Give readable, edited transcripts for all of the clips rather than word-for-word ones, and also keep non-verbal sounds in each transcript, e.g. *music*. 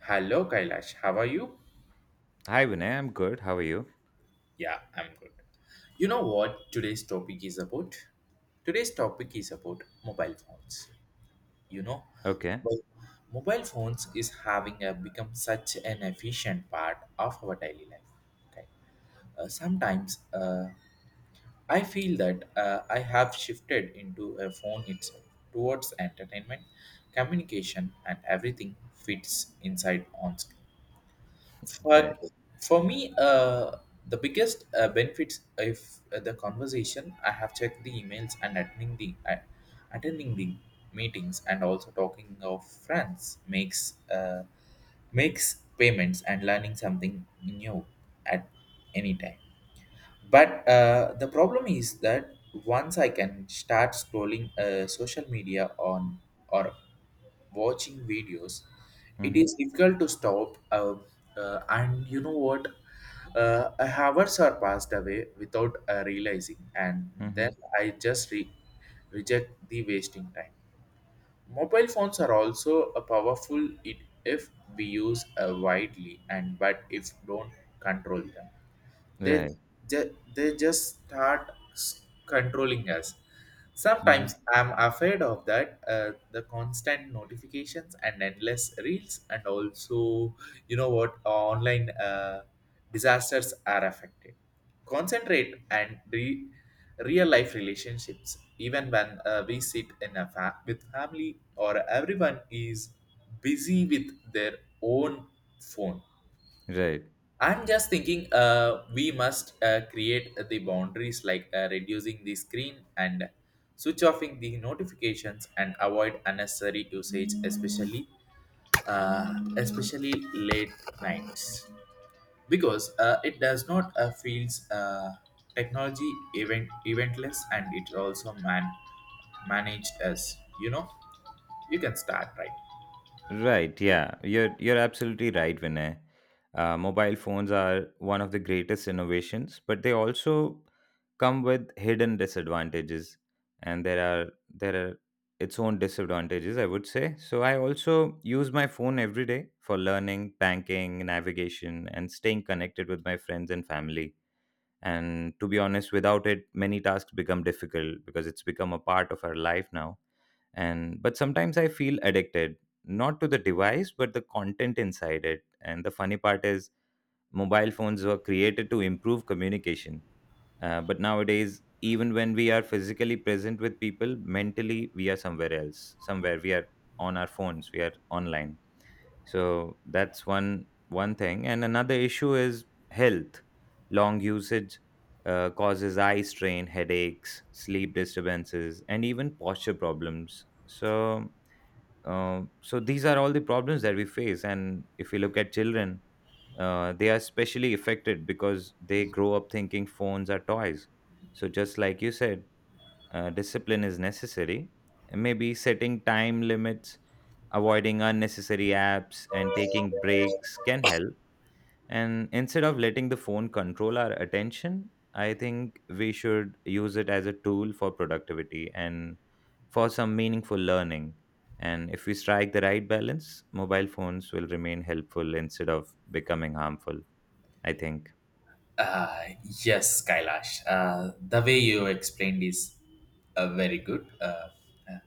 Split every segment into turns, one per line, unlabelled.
Hello, Kailash. How are you?
Hi Vinay, I'm good. How are you?
Yeah, I'm good. You know what today's topic is about? Today's topic is about mobile phones. You know,
Okay.
mo- mobile phones is having a, become such an efficient part of our daily life. Okay. Sometimes I feel that I have shifted into a phone itself towards entertainment, communication, and everything fits inside on screen.
Right.
For for me, the biggest benefits if the conversation, I have checked the emails and attending the attending the meetings and also talking of friends makes makes payments and learning something new at any time. But the problem is that once I can start scrolling social media on or watching videos, it
Mm-hmm.
is difficult to stop. And you know what? Hours are passed away without realizing, and
Mm-hmm.
then I just reject the wasting time. Mobile phones are also a powerful it if we use widely, and but if don't control them they
Right.
they just start controlling us.
Mm-hmm.
Sometimes I'm afraid of that the constant notifications and endless reels and also you know what online disasters are affected concentrate and real life relationships. Even when we sit in a with family or everyone is busy with their own phone.
Right.
I'm just thinking we must create the boundaries like reducing the screen and switch offing the notifications and avoid unnecessary usage, especially late nights because it does not feels technology event eventless and it also managed us, you know, you can start right.
Right. Yeah. You're absolutely right, Vinay. Mobile phones are one of the greatest innovations, but they also come with hidden disadvantages, and there are its own disadvantages, I would say. So I also use my phone every day for learning, banking, navigation, and staying connected with my friends and family. And to be honest, without it many tasks become difficult because it's become a part of our life now. And but sometimes I feel addicted, not to the device but the content inside it. And the funny part is, mobile phones were created to improve communication, but nowadays even when we are physically present with people, mentally we are somewhere else, somewhere we are on our phones, we are online. So that's one thing. And another issue is health. Long usage causes eye strain, headaches, sleep disturbances, and even posture problems. So these are all the problems that we face. And if we look at children, they are especially affected because they grow up thinking phones are toys. So just like you said, discipline is necessary. Maybe setting time limits, avoiding unnecessary apps, and taking breaks can help. And instead of letting the phone control our attention, I think we should use it as a tool for productivity and for some meaningful learning. And if we strike the right balance, mobile phones will remain helpful instead of becoming harmful, I think.
Uh, yes, Kailash. The way you explained is very good. Uh,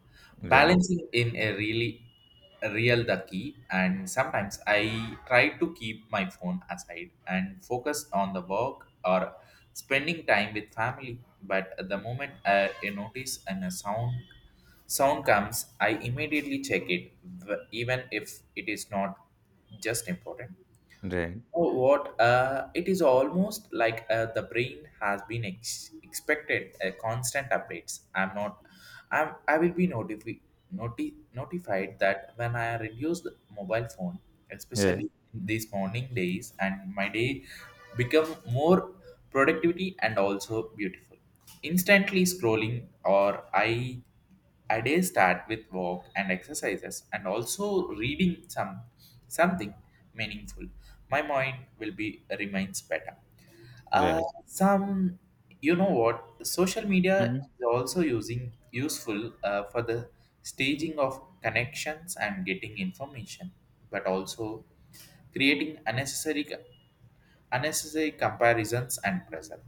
Right,
balancing in a really real the key, and sometimes I try to keep my phone aside and focus on the work or spending time with family. But at the moment I notice and a sound comes, I immediately check it, even if it is not just important.
right,
Oh, what? It is almost like the brain has been expected constant updates. I'm not. I'm. I will be notified that when I reduce the mobile phone,
right,
especially in these morning days, and my day become more productivity and also beautiful. Instantly scrolling or I a day start with walk and exercises and also reading something meaningful. My mind will be remains better. Uh,
right.
some you know what social media
Mm-hmm.
is also using useful for the staging of connections and getting information, but also creating unnecessary comparisons and pressure.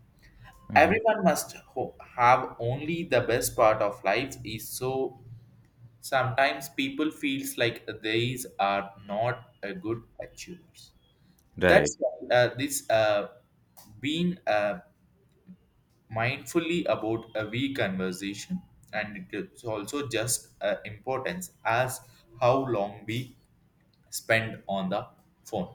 Mm-hmm.
Everyone must have only the best part of life is so. Sometimes people feels like these are not a good achievers.
Right,
That's why this being mindfully about a we conversation, and it's also just importance as how long we spend on the phone.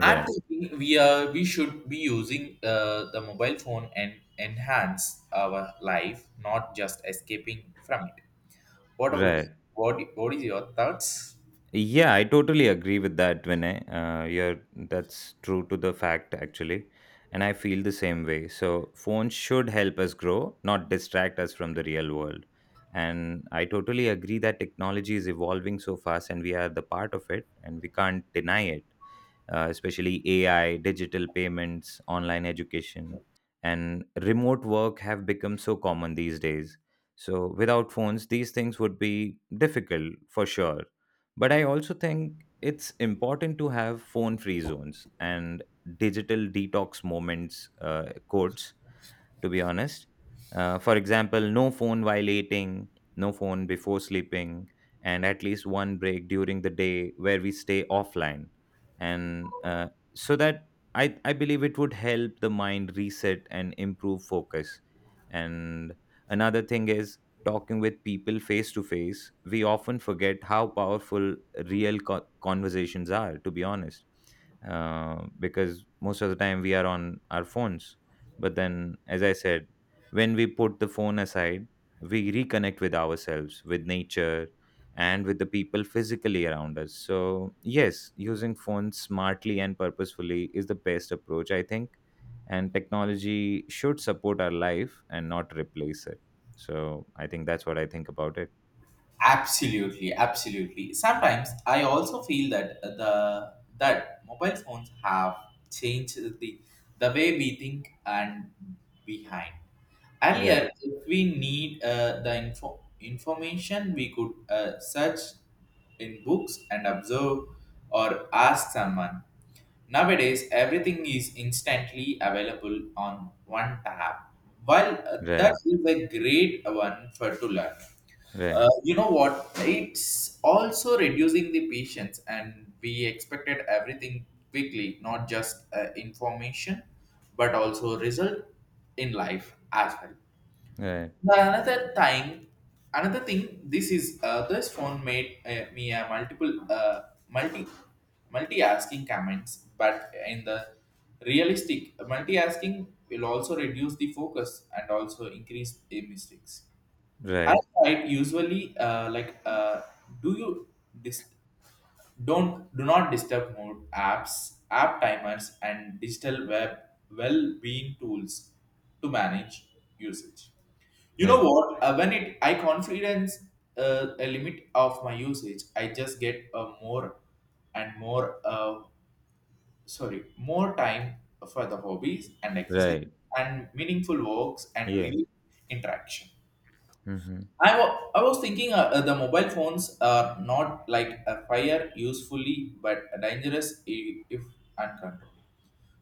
I'm thinking we should be using the mobile phone and enhance our life, not just escaping from it. What about
right.
what? What is your thoughts?
Yeah, I totally agree with that, Vinay. That's true to the fact, actually. And I feel the same way. So, phones should help us grow, not distract us from the real world. And I totally agree that technology is evolving so fast and we are the part of it and we can't deny it, especially AI, digital payments, online education, and remote work have become so common these days. So, without phones, these things would be difficult for sure. But I also think it's important to have phone free zones and digital detox moments, quotes, to be honest. For example, no phone while eating, no phone before sleeping, and at least one break during the day where we stay offline. And so that I believe it would help the mind reset and improve focus. And another thing is, talking with people face to face, we often forget how powerful conversations are, to be honest, because most of the time we are on our phones. But then, as I said, when we put the phone aside, we reconnect with ourselves, with nature, and with the people physically around us. So, yes, using phones smartly and purposefully is the best approach, I think. And technology should support our life and not replace it. So, I think that's what I think about it.
Absolutely, absolutely. Sometimes I also feel that the that mobile phones have changed the way we think and behind.
Right,
Earlier, if we need the information, we could search in books and observe or ask someone. Nowadays, everything is instantly available on one tab. While that
right,
is a great one for to learn,
right,
you know what? It's also reducing the patience, and we expected everything quickly, not just information, but also result in life as well. Now, another time, another thing, this is this phone made me a multiple multi multi asking comments, but in the realistic multi asking will also reduce the focus and also increase the mistakes.
right,
I
right,
tried usually like do you dis- don't do not disturb mode apps, app timers, and digital web well-being tools to manage usage. You
yeah,
know what? When it I confidence a limit of my usage, I just get a more and more sorry more time for the hobbies and exercise
right,
and meaningful walks and real
yes,
interaction.
hmm,
I was thinking the mobile phones are not like a fire usefully but dangerous if uncontrolled.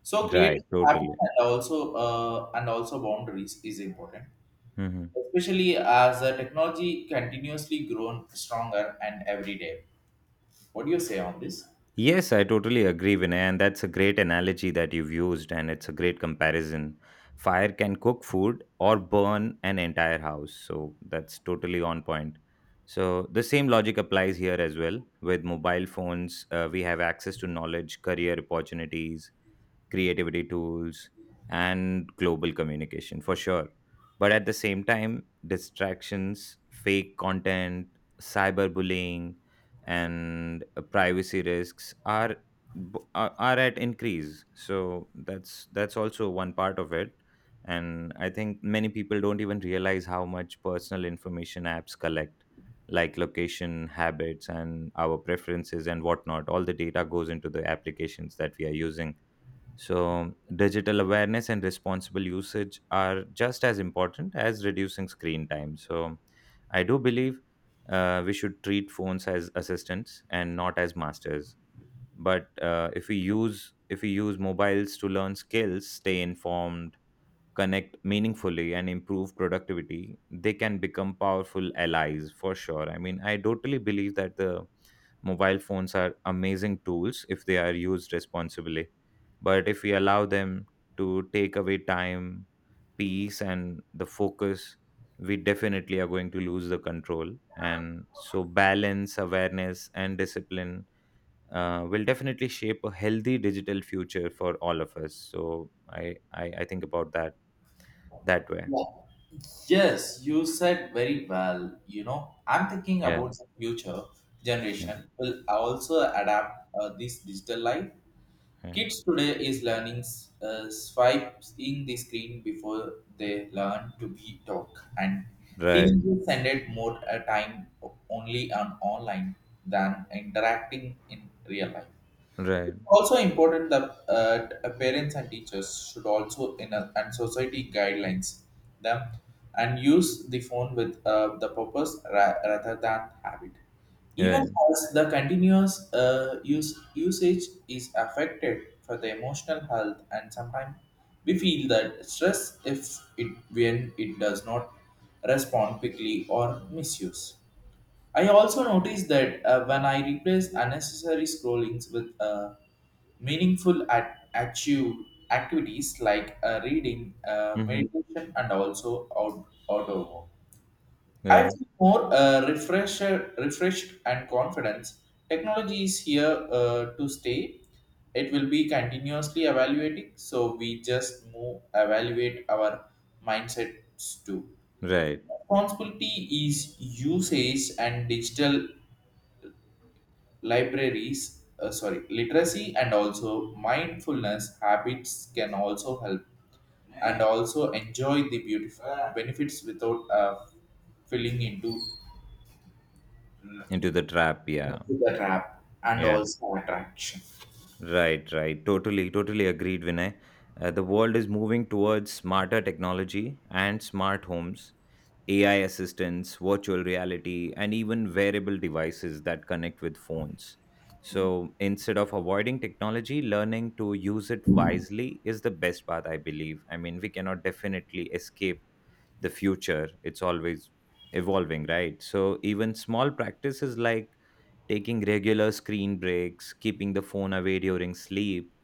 So
right,
creating
totally.
habits and also boundaries is important,
Hmm.
especially as the technology continuously grown stronger and every day. What do you say on this?
Yes, I totally agree, Vinay, and that's a great analogy that you've used, and it's a great comparison. Fire can cook food or burn an entire house, so that's totally on point. So, the same logic applies here as well. With mobile phones, we have access to knowledge, career opportunities, creativity tools, and global communication for sure. But at the same time, distractions, fake content, cyberbullying, and privacy risks are b- are at increase. So that's also one part of it. And I think many people don't even realize how much personal information apps collect, like location, habits, and our preferences and whatnot. All the data goes into the applications that we are using. So, digital awareness and responsible usage are just as important as reducing screen time. So, I do believe we should treat phones as assistants and not as masters. But if we use mobiles to learn skills, stay informed, connect meaningfully and improve productivity, they can become powerful allies for sure. I mean, I totally believe that the mobile phones are amazing tools if they are used responsibly. But if we allow them to take away time, peace, and the focus, we definitely are going to lose the control. And so, balance, awareness, and discipline will definitely shape a healthy digital future for all of us. So I think about that that way.
Yes, you said very well. You know, I'm thinking
Yeah.
about the future
Yeah.
generation will also adapt this digital life.
Yeah.
Kids today is learning swipes in the screen before they learn to be talk, and
Right.
teenagers spend more time only on online than interacting in real life.
Right.
Also important that parents and teachers should also in a, and society guidelines them and use the phone with the purpose rather than habit, even
Right.
as the continuous use usage is affected for the emotional health, and sometimes we feel that stress if it when it does not respond quickly or misuse. I also noticed that when I replace unnecessary scrollings with meaningful active activities like reading,
Hmm.
meditation, and also outdoor work, I
Right.
feel more refreshed and confident. Technology is here to stay. It will be continuously evaluating, so we just move evaluate our mindsets too.
Right.
Responsibility is usage and digital libraries sorry literacy and also mindfulness habits can also help and also enjoy the beautiful benefits without filling
Into the trap. Yeah.
into the trap and
Yeah.
also attraction.
Right, right. Totally, totally agreed, Vinay. The world is moving towards smarter technology and smart homes, AI assistants, virtual reality, and even wearable devices that connect with phones. So instead of avoiding technology, learning to use it wisely is the best path, I believe. I mean, we cannot definitely escape the future, it's always evolving, right? So even small practices like taking regular screen breaks, keeping the phone away during sleep,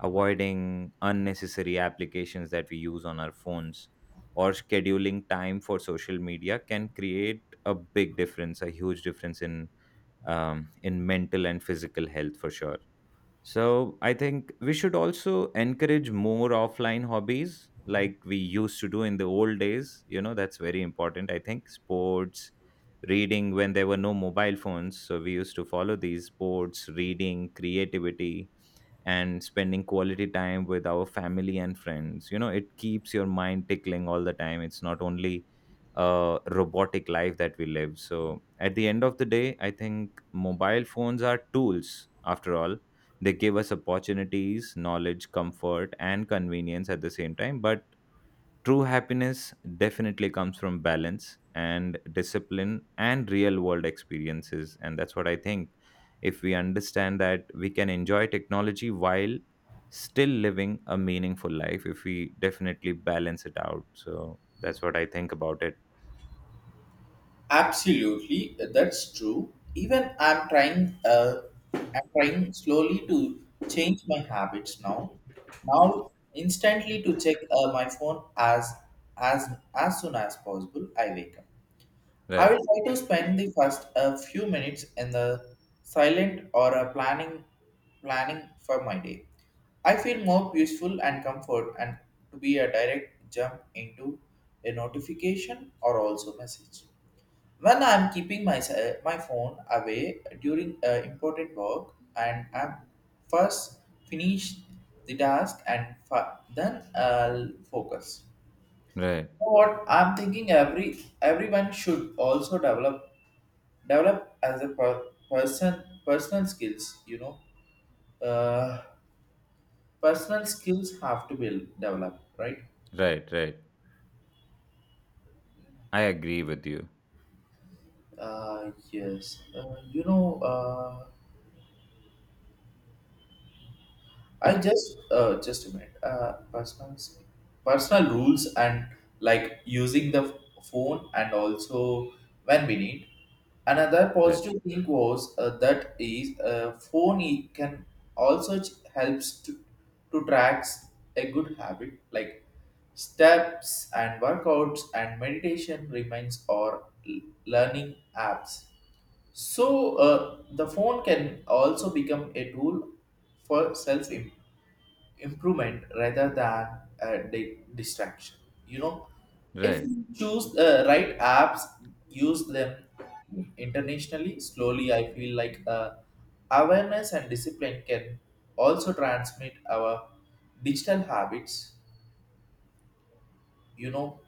avoiding unnecessary applications that we use on our phones, or scheduling time for social media can create a big difference, a huge difference in mental and physical health for sure. So I think we should also encourage more offline hobbies like we used to do in the old days. You know, that's very important. I think sports, reading when there were no mobile phones. So we used to follow these sports, reading, creativity and spending quality time with our family and friends. You know, it keeps your mind tickling all the time. It's not only a robotic life that we live. So at the end of the day, I think mobile phones are tools after all. They give us opportunities, knowledge, comfort and convenience at the same time. But true happiness definitely comes from balance and discipline and real world experiences. And that's what I think. If we understand that, we can enjoy technology while still living a meaningful life, if we definitely balance it out. So that's what I think about it.
Absolutely, that's true. Even I'm trying slowly to change my habits now. Now instantly to check my phone as as as soon as possible I wake up. I
Right,
will try to spend the first a few minutes in the silent or a planning for my day. I feel more peaceful and comfort and to be a direct jump into a notification or also message. When I'm keeping my my phone away during important work, and I'm first finish the task and then I'll focus.
right,
Know what, I'm thinking everyone should also develop as a personal skills, you know, uh, personal skills have to be developed, right.
right, right. I agree with you.
Yes you know, I just a minute. Personal rules and like using the phone and also when we need. Another
Right,
positive thing was that is phone can also helps to tracks a good habit like steps and workouts and meditation remains or learning apps. So the phone can also become a tool for self improvement rather than a distraction, you know, if
right.
you choose the right apps use them internationally slowly. I feel like awareness and discipline can also transmit our digital habits, you know,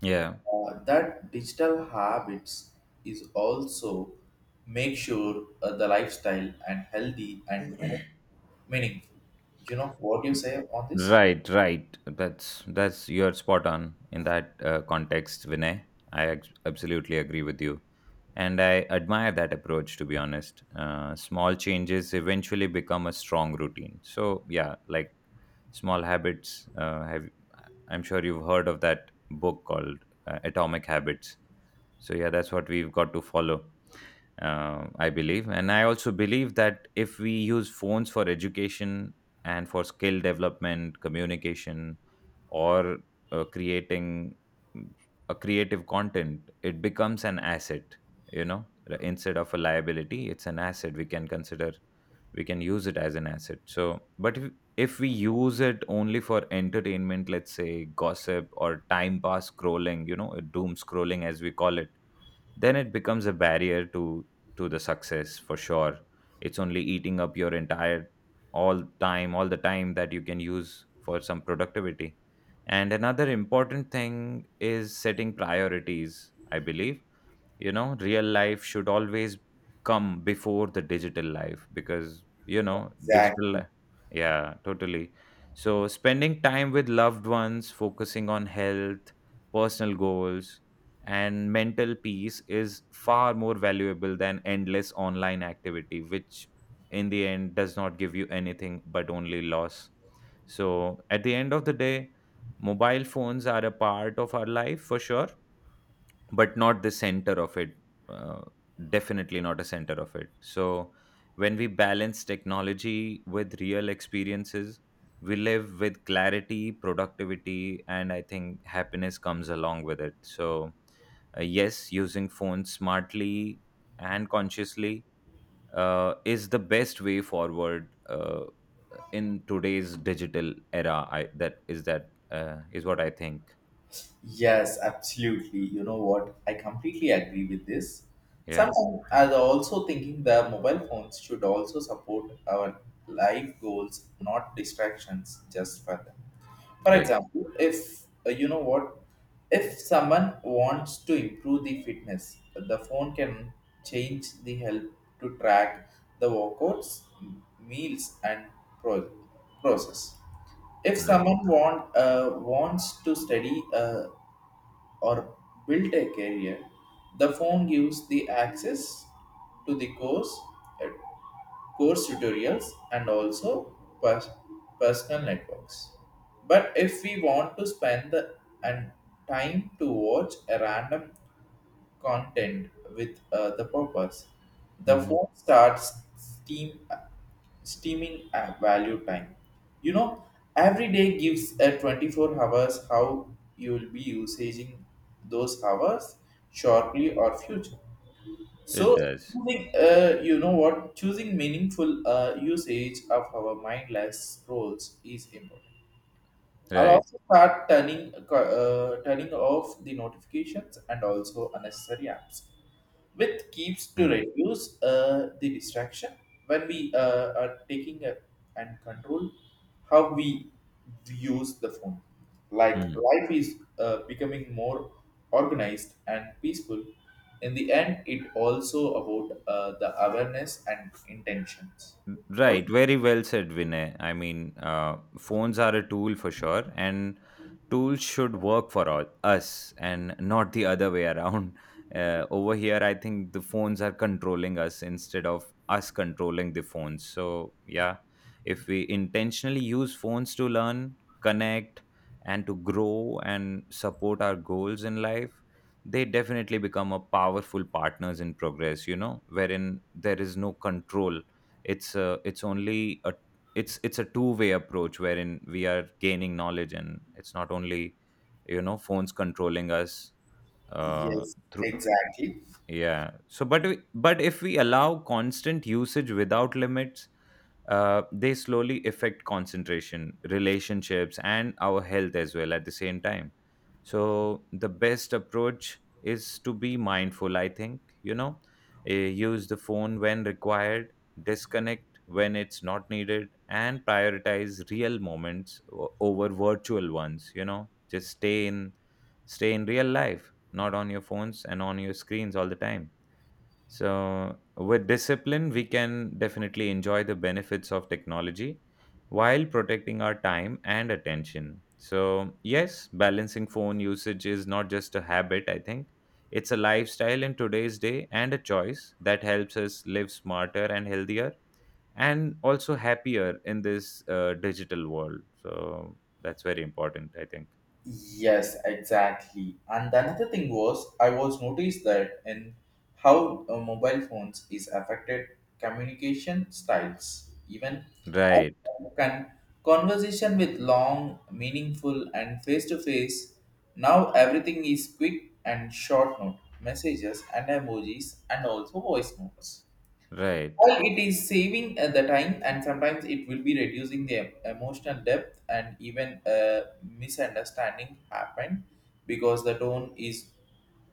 Yeah.
that digital habits is also make sure the lifestyle and healthy and more meaningful. You know what you say on this?
Right, right. That's you're spot on in that context, Vinay. Absolutely agree with you, and I admire that approach. To be honest, small changes eventually become a strong routine. So yeah, like small habits. Have I'm sure you've heard of that book called Atomic Habits. So yeah, that's what we've got to follow, I believe. And I also believe that if we use phones for education and for skill development, communication, or creating mm, a creative content, it becomes an asset. You know, instead of a liability, it's an asset. We can consider, we can use it as an asset. So, but if we use it only for entertainment, let's say gossip or time pass scrolling, you know, doom scrolling as we call it, then it becomes a barrier to the success for sure. It's only eating up your entire all time, all the time that you can use for some productivity. And another important thing is setting priorities, I believe. You know, real life should always come before the digital life. Because you know, digital
Exactly.
li- yeah, totally. So spending time with loved ones, focusing on health, personal goals, and mental peace is far more valuable than endless online activity, which in the end does not give you anything but only loss. So at the end of the day, mobile phones are a part of our life for sure, but not the center of it. uh, Definitely not a center of it. So when we balance technology with real experiences, we live with clarity, productivity, and I think happiness comes along with it. So yes, using phones smartly and consciously is the best way forward in today's digital era. I that is what I think.
Yes, absolutely. You know what? I completely agree with this.
Yeah,
Sometimes I'm also thinking the mobile phones should also support our life goals, not distractions just for them. For
right,
example, if you know what, if someone wants to improve the fitness, the phone can change the help to track the workouts, meals, and pro- process. If
right,
someone wants to study or built a career, the phone gives the access to the course, uh, course tutorials and also pers- personal networks. But if we want to spend the and time to watch a random content with the purpose. The
hmm,
phone starts steaming at value time. You know, every day gives a 24 hours how you will be using those hours shortly or future.
it
So,
does.
choosing, you know what, choosing meaningful usage of our mindless scrolls is important. I'll
Right.
also start turning off the notifications and also unnecessary apps, with keeps to
Hmm.
reduce the distraction when we are taking a, and control how we use the phone. Like
Hmm.
life is becoming more organized and peaceful. In the end, it also about the awareness and intentions. What?
Right, very well said, Vinay. I mean, phones are a tool for sure, and tools should work for all, us and not the other way *laughs* around. Over here, I think the phones are controlling us instead of us controlling the phones. So, yeah, if we intentionally use phones to learn, connect, and to grow and support our goals in life, they definitely become a powerful partners in progress. You know, wherein there is no control, it's only a it's a two-way approach wherein we are gaining knowledge and it's not only, you know, phones controlling us. uh
Yes,
through
exactly.
yeah. So, but we, but if we allow constant usage without limits, they slowly affect concentration, relationships, and our health as well at the same time. So, the best approach is to be mindful. I think, you know, use the phone when required, disconnect when it's not needed, and prioritize real moments o- over virtual ones. Just stay in stay in real life, not on your phones and on your screens all the time. So, with discipline, we can definitely enjoy the benefits of technology while protecting our time and attention. So, yes, balancing phone usage is not just a habit, I think. It's a lifestyle in today's day and a choice that helps us live smarter and healthier and also happier in this digital world. So, that's very important, I think.
Yes, exactly. And the another thing was, I was noticed that in how mobile phones is affected communication styles. Even I
Right,
can conversation with long, meaningful, and face to face. Now everything is quick and short note messages and emojis and also voice notes.
right,
While it is saving the time, and sometimes it will be reducing the emotional depth, and even misunderstanding happen because the tone is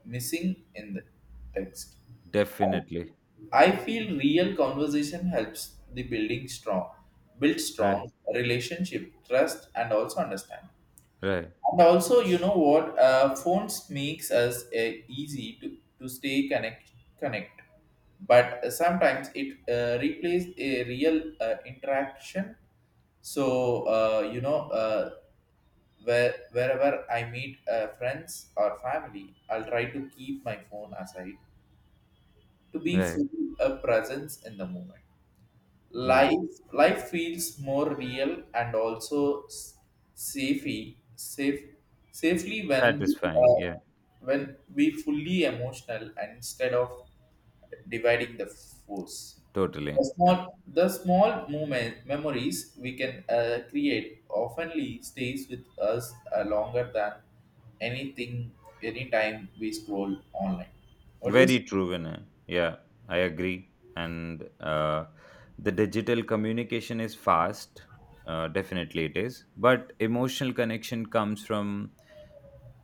missing in the text.
definitely.
I feel real conversation helps the build
Right.
strong relationship, trust, and also understanding.
Right,
And also, you know what? Phones makes us easy to stay connect, but sometimes it replaces a real interaction. So uh, you know, uh, wherever I meet friends or family, I'll try to keep my phone aside to be
right,
full of presence in the moment
right.
life life Feels more real and also s- safely safe safely
Satisfying. Yeah,
when we fully emotional and instead of dividing the force
totally.
the
Yeah,
small the small moment memories we can create oftenly stays with us longer than anything anytime we scroll online. What do you say?
very true, Vinay. Yeah, I agree. And the digital communication is fast. Definitely, it is. But emotional connection comes from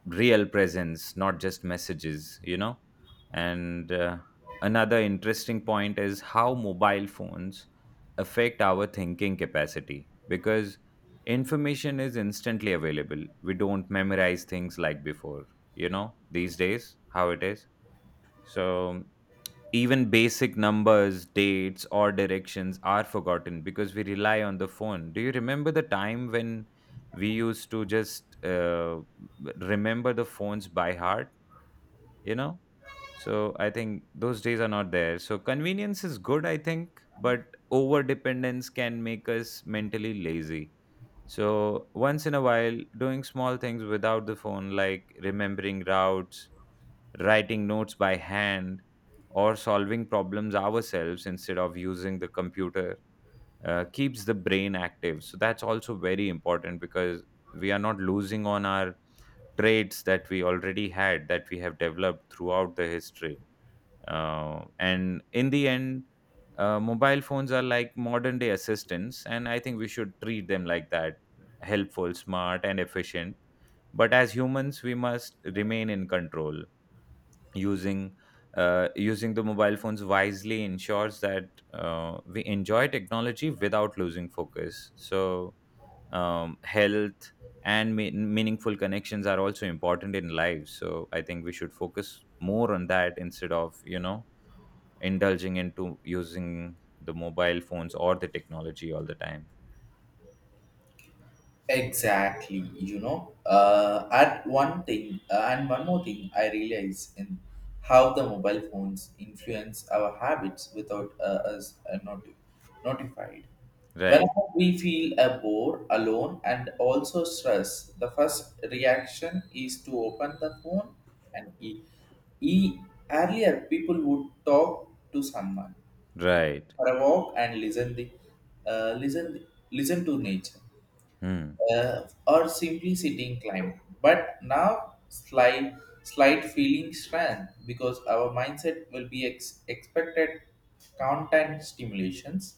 real presence, not just messages. And another interesting point is how mobile phones affect our thinking capacity, because information is instantly available. We don't memorize things like before. These days, how it is. So even basic numbers, dates, or directions are forgotten because we rely on the phone. Do you remember the time when we used to just remember the phones by heart? You know? So I think those days are not there. So convenience is good, I think, but over dependence can make us mentally lazy. So once in a while, doing small things without the phone, like remembering routes, writing notes by hand, or solving problems ourselves instead of using the computer, keeps the brain active. So that's also very important, because we are not losing on our traits that we already had, that we have developed throughout the history. And in the end, mobile phones are like modern day assistants, and I think we should treat them like that: helpful, smart, and efficient. But as humans, we must remain in control, using using the mobile phones wisely. Ensures that we enjoy technology without losing focus. So health and meaningful connections are also important in life. So I think we should focus more on that instead of indulging into using the mobile phones or the technology all the time.
Exactly, you know. And one more thing, I realize in how the mobile phones influence our habits without us notified.
Right.
Whenever we feel a bore, alone, and also stress, the first reaction is to open the phone and e- earlier people would talk to someone
Right.
for a walk and listen the uh, listen listen to nature,
Hmm.
or simply sitting climb. But now slight feeling strength because our mindset will be expected content stimulations.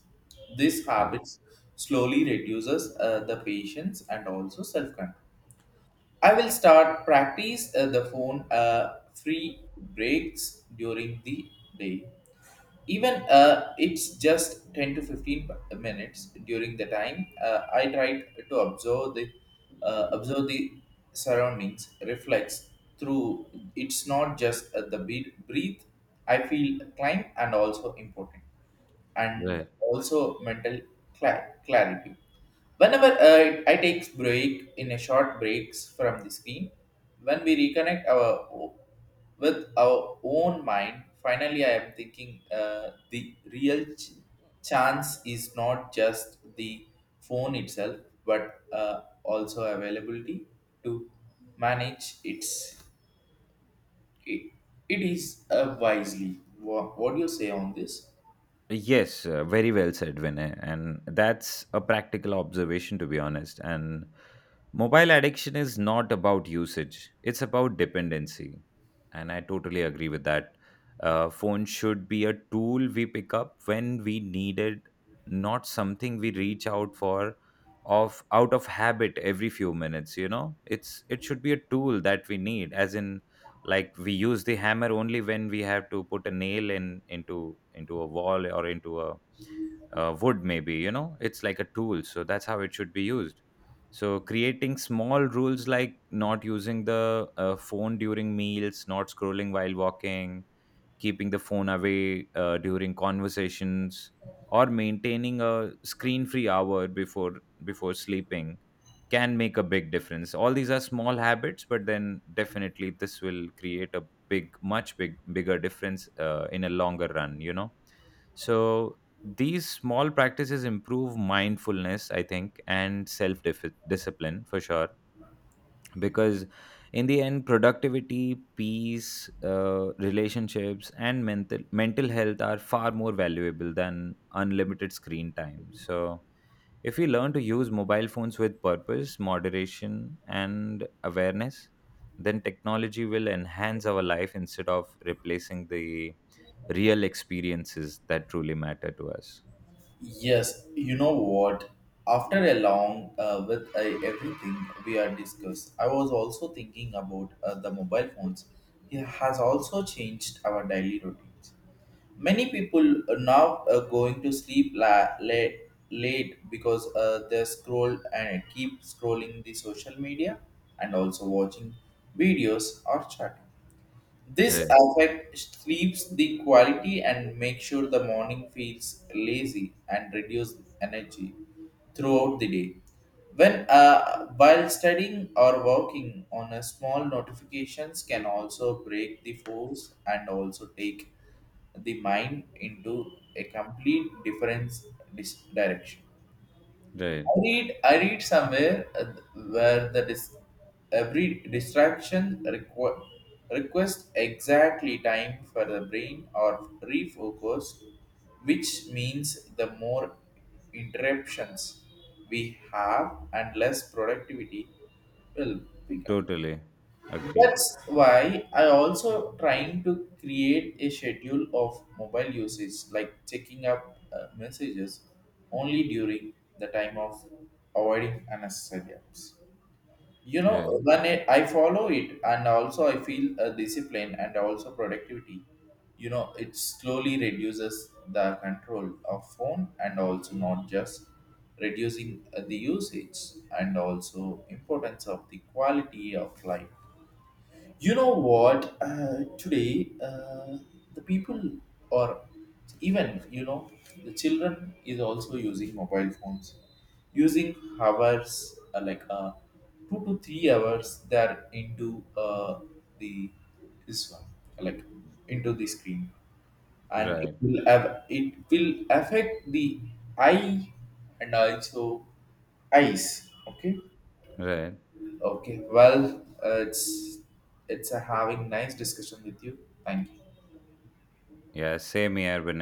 These
uh,
habits slowly reduces the patience and also self control. I will start practice the phone free breaks during the day, even it's just 10 to 15 minutes. During the time I tried to observe the uh, observe the surroundings reflects through. It's not just the beat breathe. I feel climb and also important and
Right.
also mental clarity. Whenever I take break in a short breaks from the screen, when we reconnect with our own mind, finally I am thinking the real chance is not just the phone itself, but also availability to manage it, it is wisely. What do you say on this?
Yes, very well said, Vinay. And that's a practical observation, to be honest. And mobile addiction is not about usage, it's about dependency. And I totally agree with that. Phone should be a tool we pick up when we need it, not something we reach out for of out of habit every few minutes, you know. It's, it should be a tool that we need, as in, like, we use the hammer only when we have to put a nail in into a wall or into a wood maybe, you know. It's like a tool, so that's how it should be used. So creating small rules like not using the phone during meals, not scrolling while walking, keeping the phone away during conversations, or maintaining a screen-free hour before sleeping can make a big difference. All these are small habits, but then definitely this will create a big much big bigger difference in a longer run, you know. So these small practices improve mindfulness, I think, and self discipline for sure, because in the end productivity, peace, relationships and mental health are far more valuable than unlimited screen time. So if we learn to use mobile phones with purpose, moderation and awareness, then technology will enhance our life instead of replacing the real experiences that truly matter to us.
Yes, you know what? After a long with everything we are discussed, I was also thinking about the mobile phones. It has also changed our daily routines. Many people are now going to sleep late because they scroll and keep scrolling the social media and also watching videos or chatting. This
Right,
affect sleeps the quality and make sure the morning feels lazy and reduce energy throughout the day. When while studying or working on a small notifications can also break the force and also take the mind into a complete different direction.
right,
I read somewhere where the dis- every distraction requests exactly time for the brain or refocus, which means the more interruptions we have and less productivity will become.
totally agreed.
That's why I also trying to create a schedule of mobile usage, like checking up messages only during the time of avoiding unnecessary apps. You know,
Yeah,
when I follow it, and also I feel a discipline and also productivity. You know, it slowly reduces the control of phone and also not just reducing the usage and also importance of the quality of life. You know what? Today, the people or even you know the children is also using mobile phones, using hours like 2 to 3 hours. They are into the this one like into the screen, and
right,
it will affect the eye and also eyes. Okay.
right.
Okay. Well, it's a having nice discussion with you. Thank you.
Yeah, same here, Vinay.